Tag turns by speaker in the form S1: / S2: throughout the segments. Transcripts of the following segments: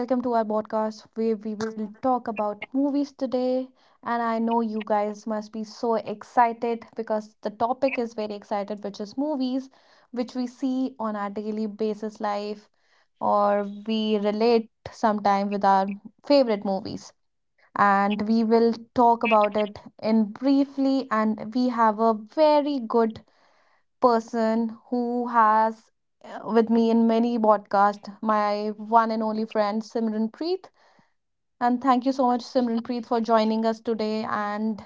S1: welcome to our podcast where we will talk about movies today. And I know you guys must be so excited because the topic is very excited, which is movies, which we see on our daily basis life or we relate sometime with our favorite movies. And we will talk about it in briefly, and we have a very good person who has with me in many podcasts, my one and only friend Simran Preet. And thank you so much, Simran Preet, for joining us today. And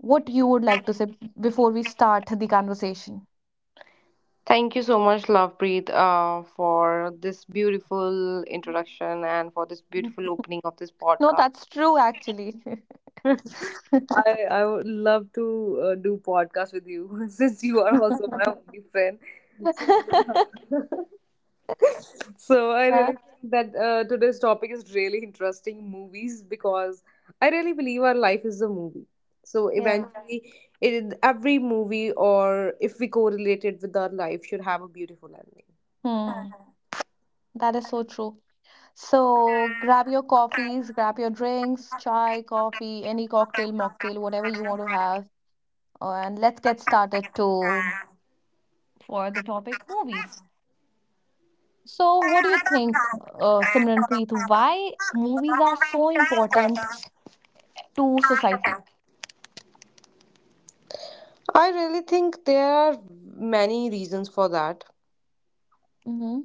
S1: what you would like to say before we start the conversation?
S2: Thank you so much, Lovepreet, for this beautiful introduction and for this
S1: Mhm.
S2: beautiful opening of this
S1: No,
S2: podcast.
S1: that's true, actually.
S2: I would love to do podcast with you since you are also my only friend. So, so I
S1: Yeah,
S2: really think that today's topic is really interesting movies because I really believe our life is a movie. So
S1: yeah.
S2: eventually, every movie, or if we correlate it with our life, should have a beautiful ending.
S1: Hmm, that is so true. So grab your coffees, grab your drinks, chai, coffee, any cocktail, mocktail, whatever you want to have, and let's get started to for the topic movies. So, what do you think, Simranpreet? Why movies are so important to society?
S2: I really think there are many reasons for that.
S1: Mm-hmm.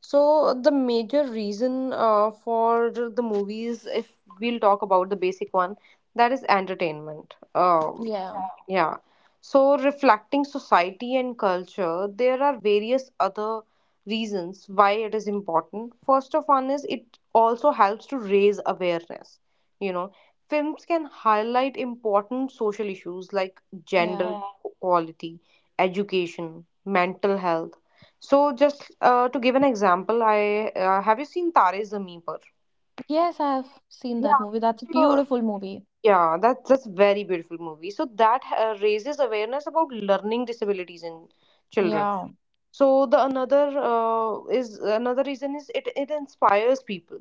S2: So, the major reason for the movies, if we'll talk about the basic one, that is entertainment.
S1: Yeah,
S2: Yeah. So, reflecting society and culture, there are various other reasons why it is important. First of one is it also helps to raise awareness. You know, films can highlight important social issues like gender
S1: yeah.
S2: equality, education, mental health. So, just to give an example, I have you seen Tare Zameen Par?
S1: Yes, I've seen that
S2: Yeah.
S1: movie. That's a
S2: So
S1: beautiful movie.
S2: yeah, that's very beautiful movie. So that raises awareness about learning disabilities in children.
S1: Yeah,
S2: So the another reason is it inspires people,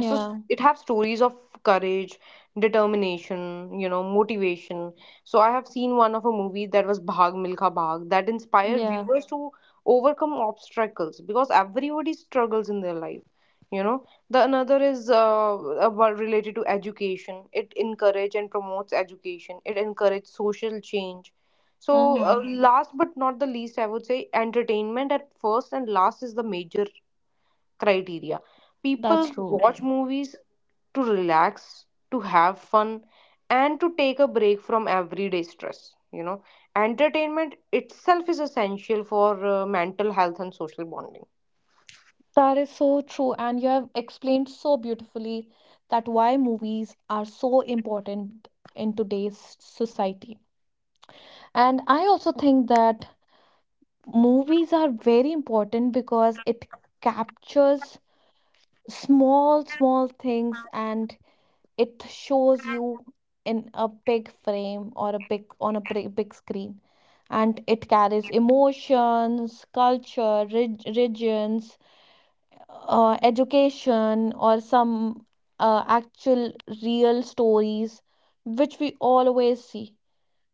S2: so it have stories of courage, determination, you know, motivation. So I have seen one of a movie that was Bhag Milkha Bhag, that inspired
S1: yeah.
S2: viewers to overcome obstacles because everybody struggles in their life, you know. The another is about related to education. It encourage and promotes education, it encourages social change. So uh,
S1: Mm-hmm.
S2: last but not the least, I would say entertainment at first and last is the major criteria.
S1: That's
S2: People
S1: true.
S2: watch movies to relax, to have fun, and to take a break from everyday stress. You know, entertainment itself is essential for mental health and social bonding.
S1: That is so true. And you have explained so beautifully that why movies are so important in today's society. And I also think that movies are very important because it captures small things and it shows you in a big frame or a big on a big screen. And it carries emotions, culture, regions, education, or some actual real stories, which we always see.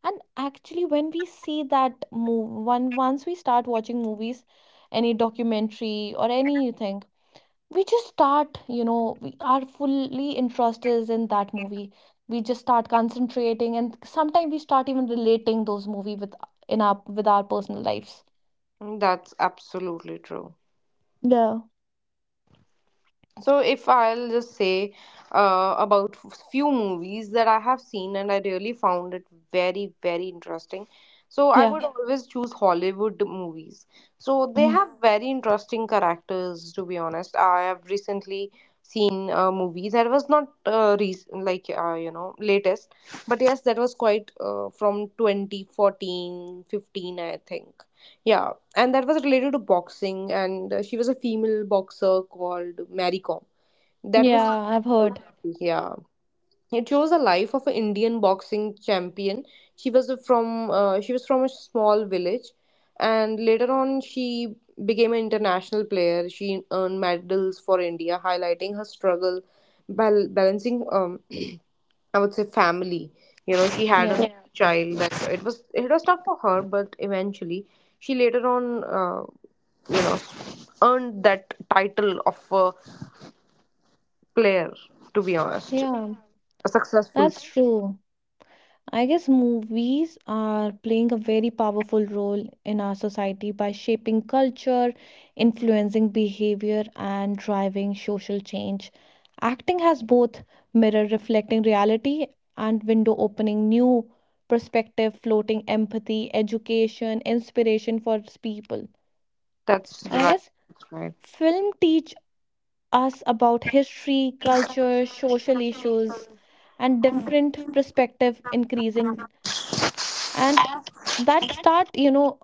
S1: And actually, when we see that move, one once we start watching movies, any documentary or anything, we just start, you know, we are fully interested in that movie. We just start concentrating, and sometimes we start even relating those movie with in our with our personal lives.
S2: That's absolutely true.
S1: Yeah,
S2: So if I'll just say about few movies that I have seen and I really found it very interesting. So I
S1: yeah,
S2: would always choose Hollywood movies. So they
S1: Mhm.
S2: have very interesting characters, to be honest. I have recently seen a movie that was not recent, like you know, latest, but yes, that was quite from 2014-15, I think. Yeah, and that was related to boxing, and she was a female boxer called Mary Com. That was
S1: Yeah. I've heard.
S2: yeah. It shows the life of an Indian boxing champion. She was from a small village, and later on she became an international player. She earned medals for India, highlighting her struggle, balancing I would say family. You know, she had a
S1: Yeah,
S2: Yeah. child, that it was tough for her, but eventually she later on, uh, you know, earned that title of a player. To be honest,
S1: yeah.
S2: a successful.
S1: That's true. I guess movies are playing a very powerful role in our society by shaping culture, influencing behavior, and driving social change. Acting has both mirror reflecting reality and window opening new perspective, floating empathy, education, inspiration for people.
S2: That's
S1: And I
S2: right.
S1: guess
S2: Right.
S1: film teach us about history, culture, social issues, and different perspective, increasing and that start, you know,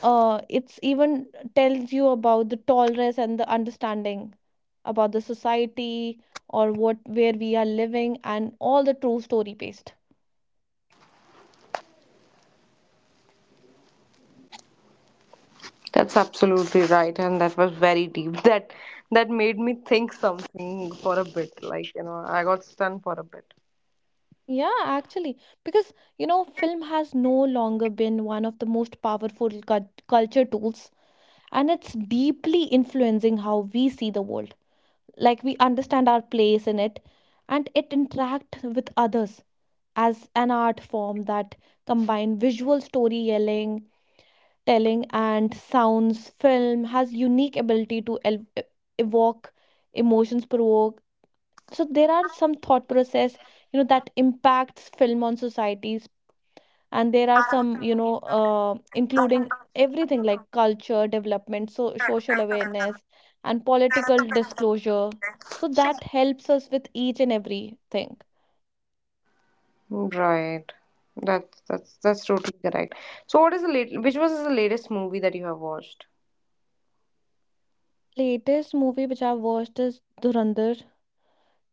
S1: it's even tells you about the tolerance and the understanding about the society or what where we are living and all the true story based.
S2: That's absolutely right, and that was very deep. That made me think something for a bit. Like, you know, I got stunned for a bit.
S1: Yeah, actually because, you know, film has no longer been one of the most powerful culture tools and it's deeply influencing how we see the world, like we understand our place in it and it interact with others as an art form that combine visual story yelling telling and sounds. Film has unique ability to evoke emotions, provoke. So there are some thought process, you know, that impacts film on societies and there are some, you know, including everything like culture development, so social awareness and political disclosure. So that helps us with each and everything.
S2: Right. That's totally correct. So, what is the late? Which was the latest movie that you have watched?
S1: Latest movie which I watched is Dhurandhar,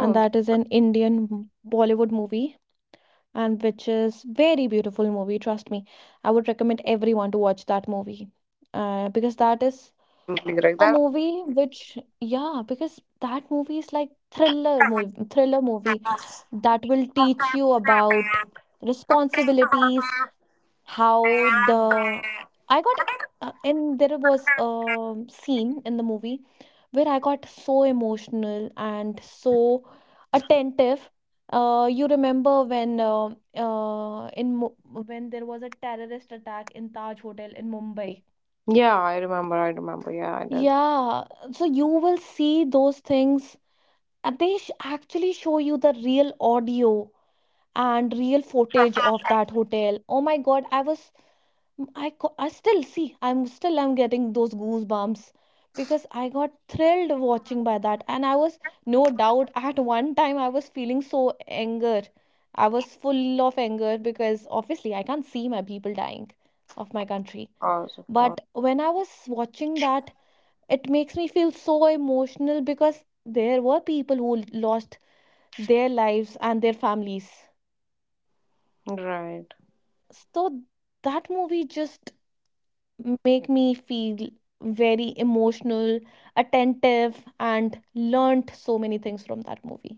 S1: and that is an Indian Bollywood movie, and which is very beautiful movie, trust me. I would recommend everyone to watch that movie because that is
S2: something like
S1: a
S2: that.
S1: movie which, yeah, because that movie is like thriller movie that will teach you about responsibilities. How the I got and there was a scene in the movie where I got so emotional and so attentive. You remember when uh, in Mu- when there was a terrorist attack in Taj Hotel in Mumbai.
S2: Yeah, I remember. I remember. Yeah, I did.
S1: Yeah, so you will see those things, and they sh actually show you the real audio and real footage of that hotel. Oh my God, I was mm, I still see I'm getting those goosebumps because I got thrilled watching by that and I was no doubt. At one time I was feeling so anger. I was full of anger because obviously I can't see my people dying of my country.
S2: Hours of God.
S1: But when I was watching that it makes me feel so emotional because there were people who lost their lives and their families.
S2: Right.
S1: So that movie just make me feel very emotional, attentive, and learned so many things from that movie.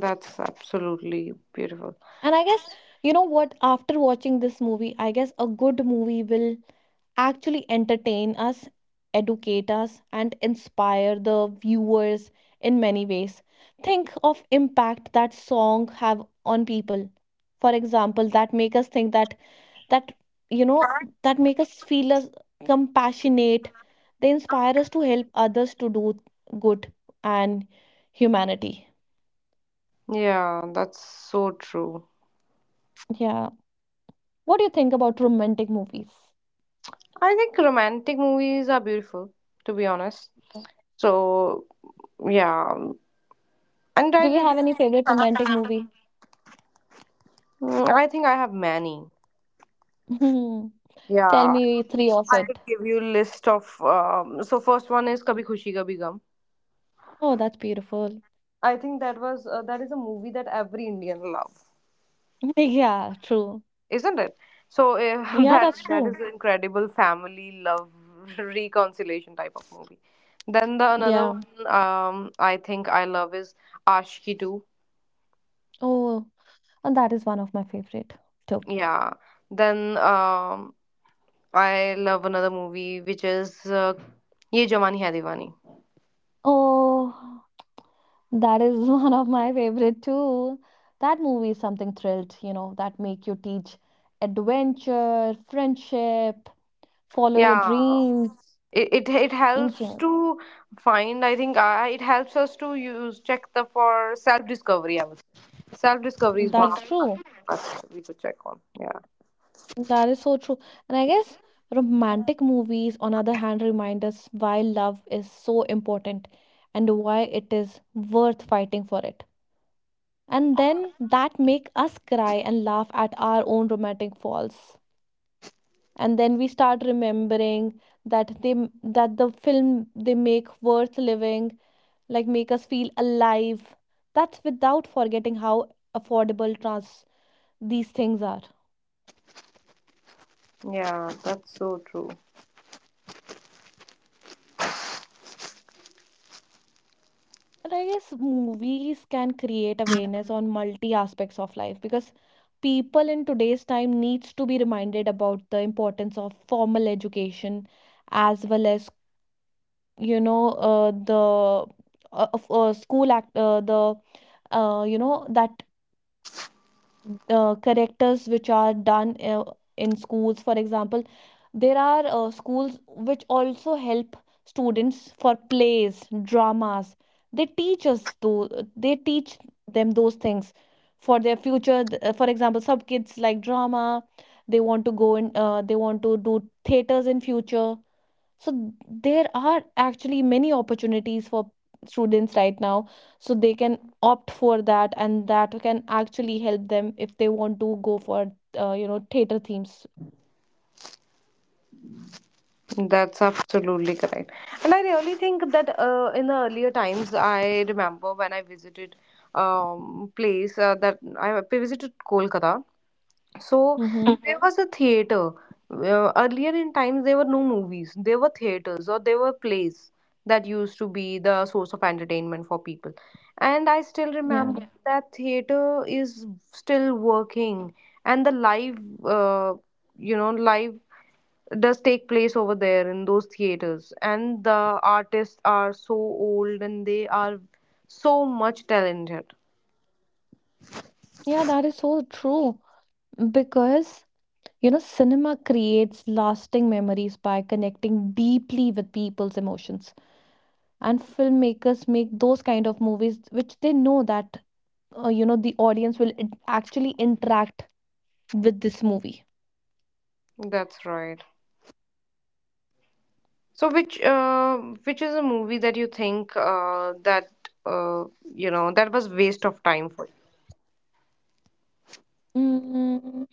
S2: That's absolutely beautiful.
S1: And I guess, you know what, after watching this movie, I guess a good movie will actually entertain us, educate us, and inspire the viewers in many ways. Think of impact that song have on people. For example, that make us think that that you know that make us feel us compassionate. They inspire us to help others to do good and humanity.
S2: Yeah, that's so true.
S1: Yeah. What do you think about romantic movies?
S2: I think romantic movies are beautiful, to be honest. So, yeah. And I
S1: Do you
S2: did.
S1: have any favorite romantic movie?
S2: Mm, I think I have many.
S1: Tell
S2: Yeah,
S1: me three of
S2: I
S1: it.
S2: could give you list of. So first one is Kabhi Khushi Kabhi Gum.
S1: Oh, that's beautiful.
S2: I think that was that is a movie that every Indian loves,
S1: Yeah, true.
S2: isn't it? So
S1: Yeah,
S2: that
S1: that's
S2: that is
S1: true.
S2: an incredible family love reconciliation type of movie. Then the another
S1: Yeah.
S2: one, I think I love, is Ashki 2.
S1: Oh, and that is one of my favorite too.
S2: Yeah. Then I love another movie, which is Ye Jawani Hai Diwani.
S1: Oh, that is one of my favorite too. That movie is something thrilled, you know, that make you teach adventure, friendship, follow your
S2: Yeah.
S1: dreams,
S2: It
S1: each
S2: helps
S1: and
S2: to find. I think it helps us to use check the for self discovery. I would say self discovery
S1: every-
S2: is one of
S1: That's
S2: the
S1: true.
S2: podcasts we could check on. Yeah.
S1: That is so true. And I guess romantic movies, on other hand, remind us why love is so important and why it is worth fighting for it. And then that make us cry and laugh at our own romantic falls. And then we start remembering that the film they make worth living, like make us feel alive. That's without forgetting how affordable trans these things are.
S2: Yeah, that's so true.
S1: And I guess movies can create awareness on multi aspects of life because people in today's time needs to be reminded about the importance of formal education as well as, you know, school act the you know that characters which are done in schools. For example, there are schools which also help students for plays, dramas. They teach us though they teach them those things for their future. For example, some kids like drama, they want to go in they want to do theaters in future. So there are actually many opportunities for students right now. So they can opt for that, and that can actually help them if they want to go for you know, theater themes.
S2: That's absolutely correct. And I really think that in the earlier times, I remember when I visited place that I visited Kolkata. So
S1: Mm-hmm.
S2: there Mhm. was a theater. Earlier in times, there were no movies. There were theaters, or there were plays that used to be the source of entertainment for people. And I still
S1: Yeah,
S2: remember Yeah. that theater is still working, and the live uh, you know, live does take place over there in those theaters, and the artists are so old and they are so much talented.
S1: yeah, that is so true because, you know, cinema creates lasting memories by connecting deeply with people's emotions, and filmmakers make those kind of movies which they know that you know, the audience will actually interact with this movie.
S2: That's right. So which is a movie that you think that uh, you know, that was waste of time for
S1: Mm,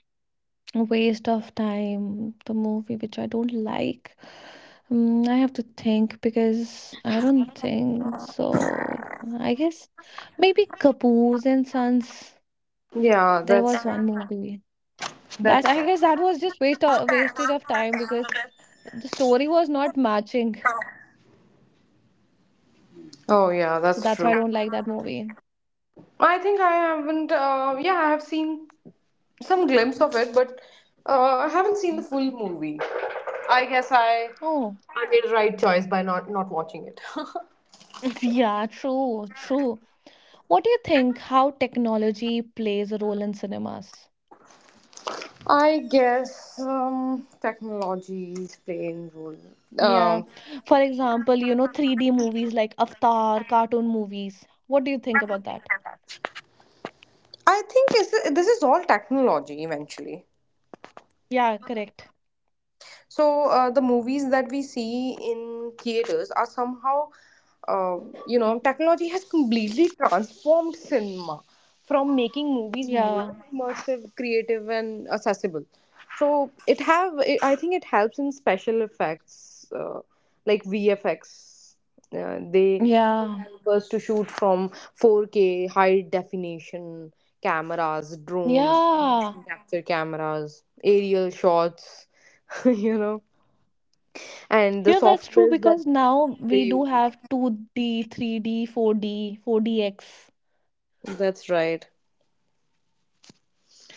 S1: waste of time. The movie which I don't like. Mm, I have to think because I don't think so. I guess maybe Kapoor's and Sons.
S2: you? Yeah,
S1: There
S2: that's
S1: was
S2: right.
S1: one movie that
S2: That's
S1: I
S2: right.
S1: guess that was just waste of wastage of time because the story was not matching.
S2: Oh yeah,
S1: So
S2: that's
S1: that's why
S2: true.
S1: I don't like that movie.
S2: I think I haven't. Yeah, I have seen some glimpse of it, but I haven't seen the full movie. I guess
S1: Oh,
S2: I made the right choice by not watching it.
S1: yeah, true, true. What do you think how technology plays a role in cinemas?
S2: I guess technology is playing role.
S1: Yeah.
S2: Um,
S1: For example, you know, 3D movies like Avatar, cartoon movies. What do you think about that?
S2: I think is this is all technology eventually.
S1: Yeah, correct.
S2: So the movies that we see in theaters are somehow uh, you know, technology has completely transformed cinema, from making movies
S1: Yeah.
S2: more immersive, creative and accessible. So I think it helps in special effects, like VFX. They
S1: Yeah.
S2: first to shoot from 4K high definition cameras, drones,
S1: Yeah.
S2: motion capture cameras, aerial shots, you know, and the
S1: Yeah, that's true
S2: softwares that
S1: because now
S2: they
S1: we do
S2: use.
S1: have 2D, 3D, 4D, 4DX
S2: That's right.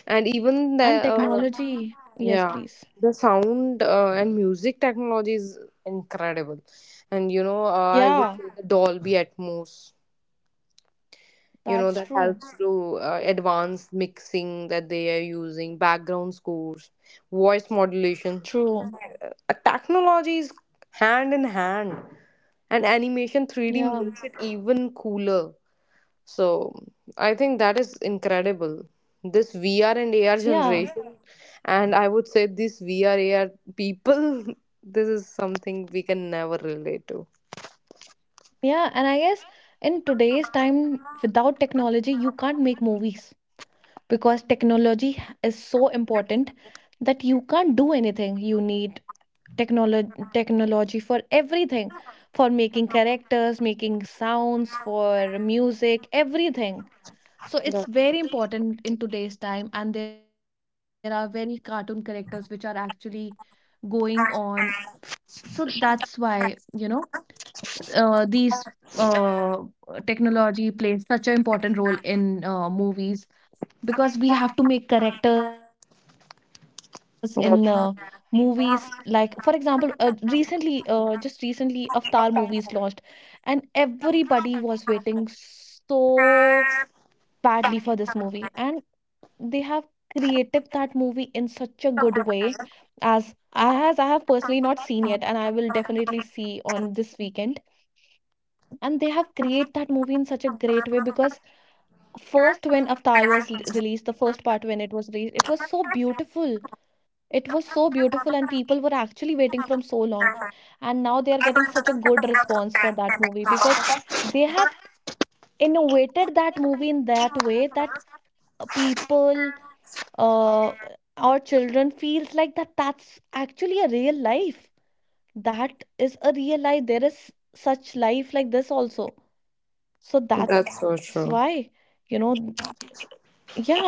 S2: And even the
S1: and technology. Yes,
S2: yeah,
S1: please.
S2: the sound and music technology is incredible. And you know, I would
S1: Yeah,
S2: say the Dolby Atmos. You know,
S1: that's
S2: that
S1: true.
S2: helps to advanced mixing that they are using, background scores, voice modulation.
S1: True.
S2: Technology is hand in hand, and animation 3D
S1: Yeah.
S2: makes it even cooler. So I think that is incredible. This VR and AR
S1: Yeah.
S2: generation, and I would say this VR AR people, this is something we can never relate to.
S1: Yeah. And I guess in today's time, without technology, you can't make movies, because technology is so important that you can't do anything. You need technology for everything, for making characters, making sounds, for music, everything. So it's
S2: That,
S1: very important in today's time, and there are very cartoon characters which are actually going on. So that's why, you know, these uh, technology plays such an important role in movies because we have to make characters in movies. Like for
S2: that's
S1: example, recently just recently Avatar movies launched and everybody was waiting so badly for this movie, and they have created that movie in such a good way, as I have personally not seen yet and I will definitely see on this weekend. And they have created that movie in such a great way because first when Avatar was released, the first part when it was released, it was so beautiful. It was so beautiful, and people were actually waiting from so long. And now they are getting such a good response for that movie because they have innovated that movie in that way that people or children feels like that that's actually a real life. That is a real life. There is such life like this also. So that's
S2: that's so
S1: why,
S2: true.
S1: you know, yeah,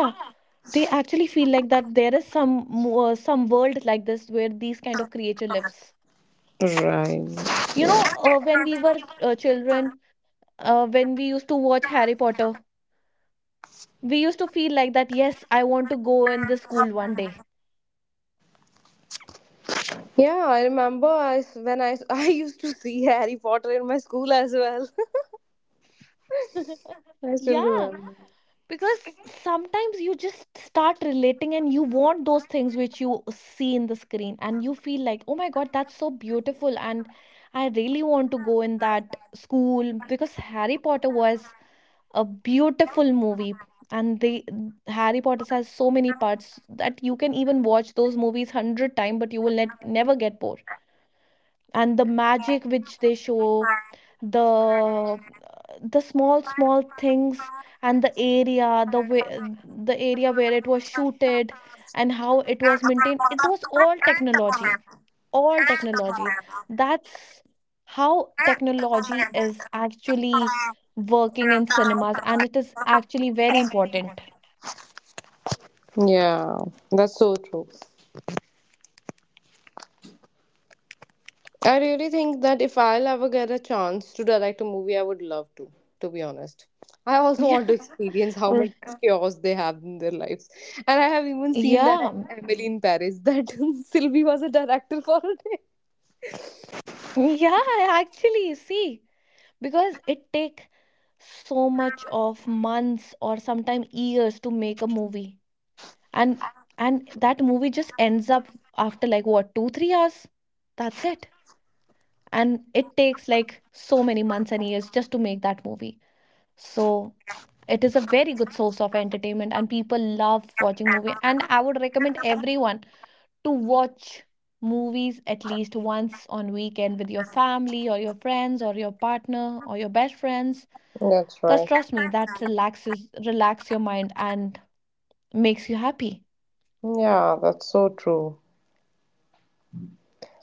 S1: they actually feel like that there is some world like this where these kind of creature lives,
S2: Right.
S1: you know.
S2: Yeah.
S1: When we were children, when we used to watch Harry Potter, we used to feel like that yes, I want to go in this school one day.
S2: Yeah, I remember when I used to see Harry Potter in my school as well. I still
S1: Yeah,
S2: remember.
S1: because sometimes you just start relating and you want those things which you see in the screen and you feel like, oh my god, that's so beautiful and I really want to go in that school, because Harry Potter was a beautiful movie. And they Harry Potter has so many parts that you can even watch those movies 100 times but you will net, never get bored. And the magic which they show, the small small things, and the area, the way the area where it was shooted and how it was maintained, it was all technology, all technologies. That's how technology is actually working in cinemas, and it is actually very important.
S2: Yeah, that's so true. I really think that if I'll ever get a chance to direct a movie, I would love to be honest. I also
S1: Yeah,
S2: want to experience how
S1: or
S2: much chaos they have in their lives. And I have even seen that
S1: yeah,
S2: Emily in Paris, that Sylvie was a director for a day.
S1: yeah, actually, see, because it take so much of months or sometimes years to make a movie, and that movie just ends up after like what two three hours. That's it. And it takes like so many months and years just to make that movie. So it is a very good source of entertainment and people love watching movie, and I would recommend everyone to watch movies at least once on weekend with your family or your friends or your partner or your best friends,
S2: That's
S1: cuz
S2: right.
S1: trust me that relax your mind and makes you happy.
S2: Yeah, that's so true.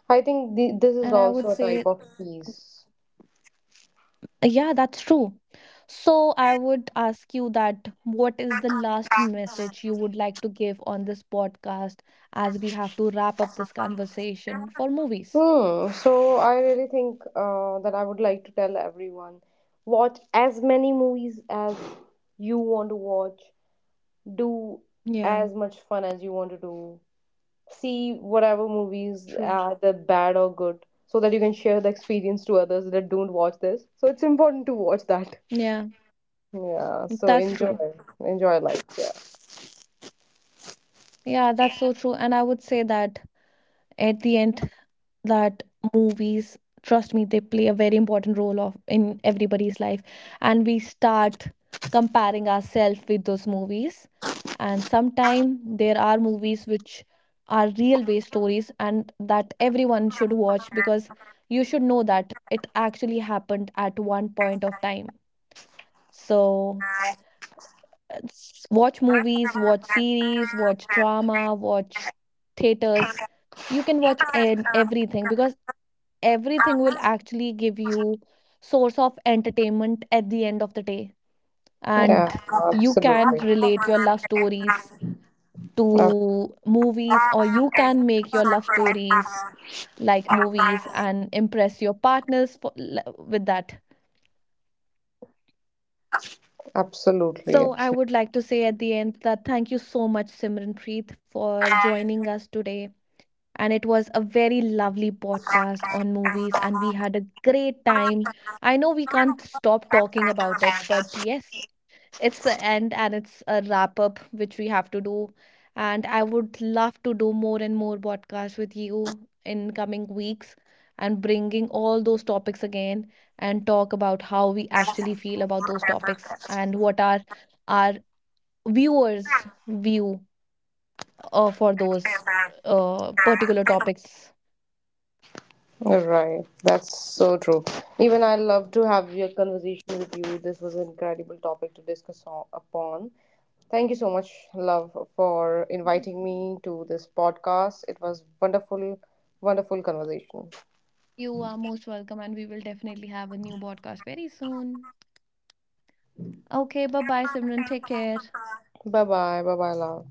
S2: I think this is
S1: And I
S2: also
S1: would
S2: a type
S1: say
S2: of peace.
S1: Yeah, that's true. So I would ask you that what is the last message you would like to give on this podcast as we have to wrap up this conversation for movies?
S2: Hmm. So I really think that I would like to tell everyone, watch as many movies as you want to watch. Do
S1: Yeah,
S2: as much fun as you want to do. See whatever movies
S1: true.
S2: are the bad or good, so that you can share the experience to others that don't watch this. So it's important to watch that.
S1: Yeah,
S2: Yeah. So
S1: that's
S2: enjoy,
S1: true.
S2: enjoy life. Yeah.
S1: Yeah, that's so true. And I would say that at the end, that movies trust me they play a very important role of in everybody's life, and we start comparing ourselves with those movies. And sometime there are movies which are real based stories and that everyone should watch because you should know that it actually happened at one point of time. So watch movies, watch series, watch drama, watch theaters, you can watch everything because everything will actually give you source of entertainment at the end of the day.
S2: Yeah.
S1: And you
S2: Absolutely.
S1: can relate your
S2: Ab-
S1: love stories to
S2: Absolutely.
S1: movies, or you can make your love stories like movies and impress your partners for, with that.
S2: Absolutely.
S1: So I would like to say at the end that thank you so much, Simranpreet, for joining us today, and it was a very lovely podcast on movies and we had a great time. I know we can't stop talking about it, but yes, it's a end and it's a wrap up which we have to do. And I would love to do more and more podcasts with you in coming weeks and bringing all those topics again and talk about how we actually feel about those topics and what are our viewers view for those particular topics.
S2: Right, that's so true. Even I love to have your conversation with you. This was an incredible topic to discuss on, upon. Thank you so much, love, for inviting me to this podcast. It was wonderful, wonderful conversation.
S1: You are most welcome, and we will definitely have a new podcast very soon. Okay, bye bye, Simran. Take care.
S2: Bye bye, bye bye, love.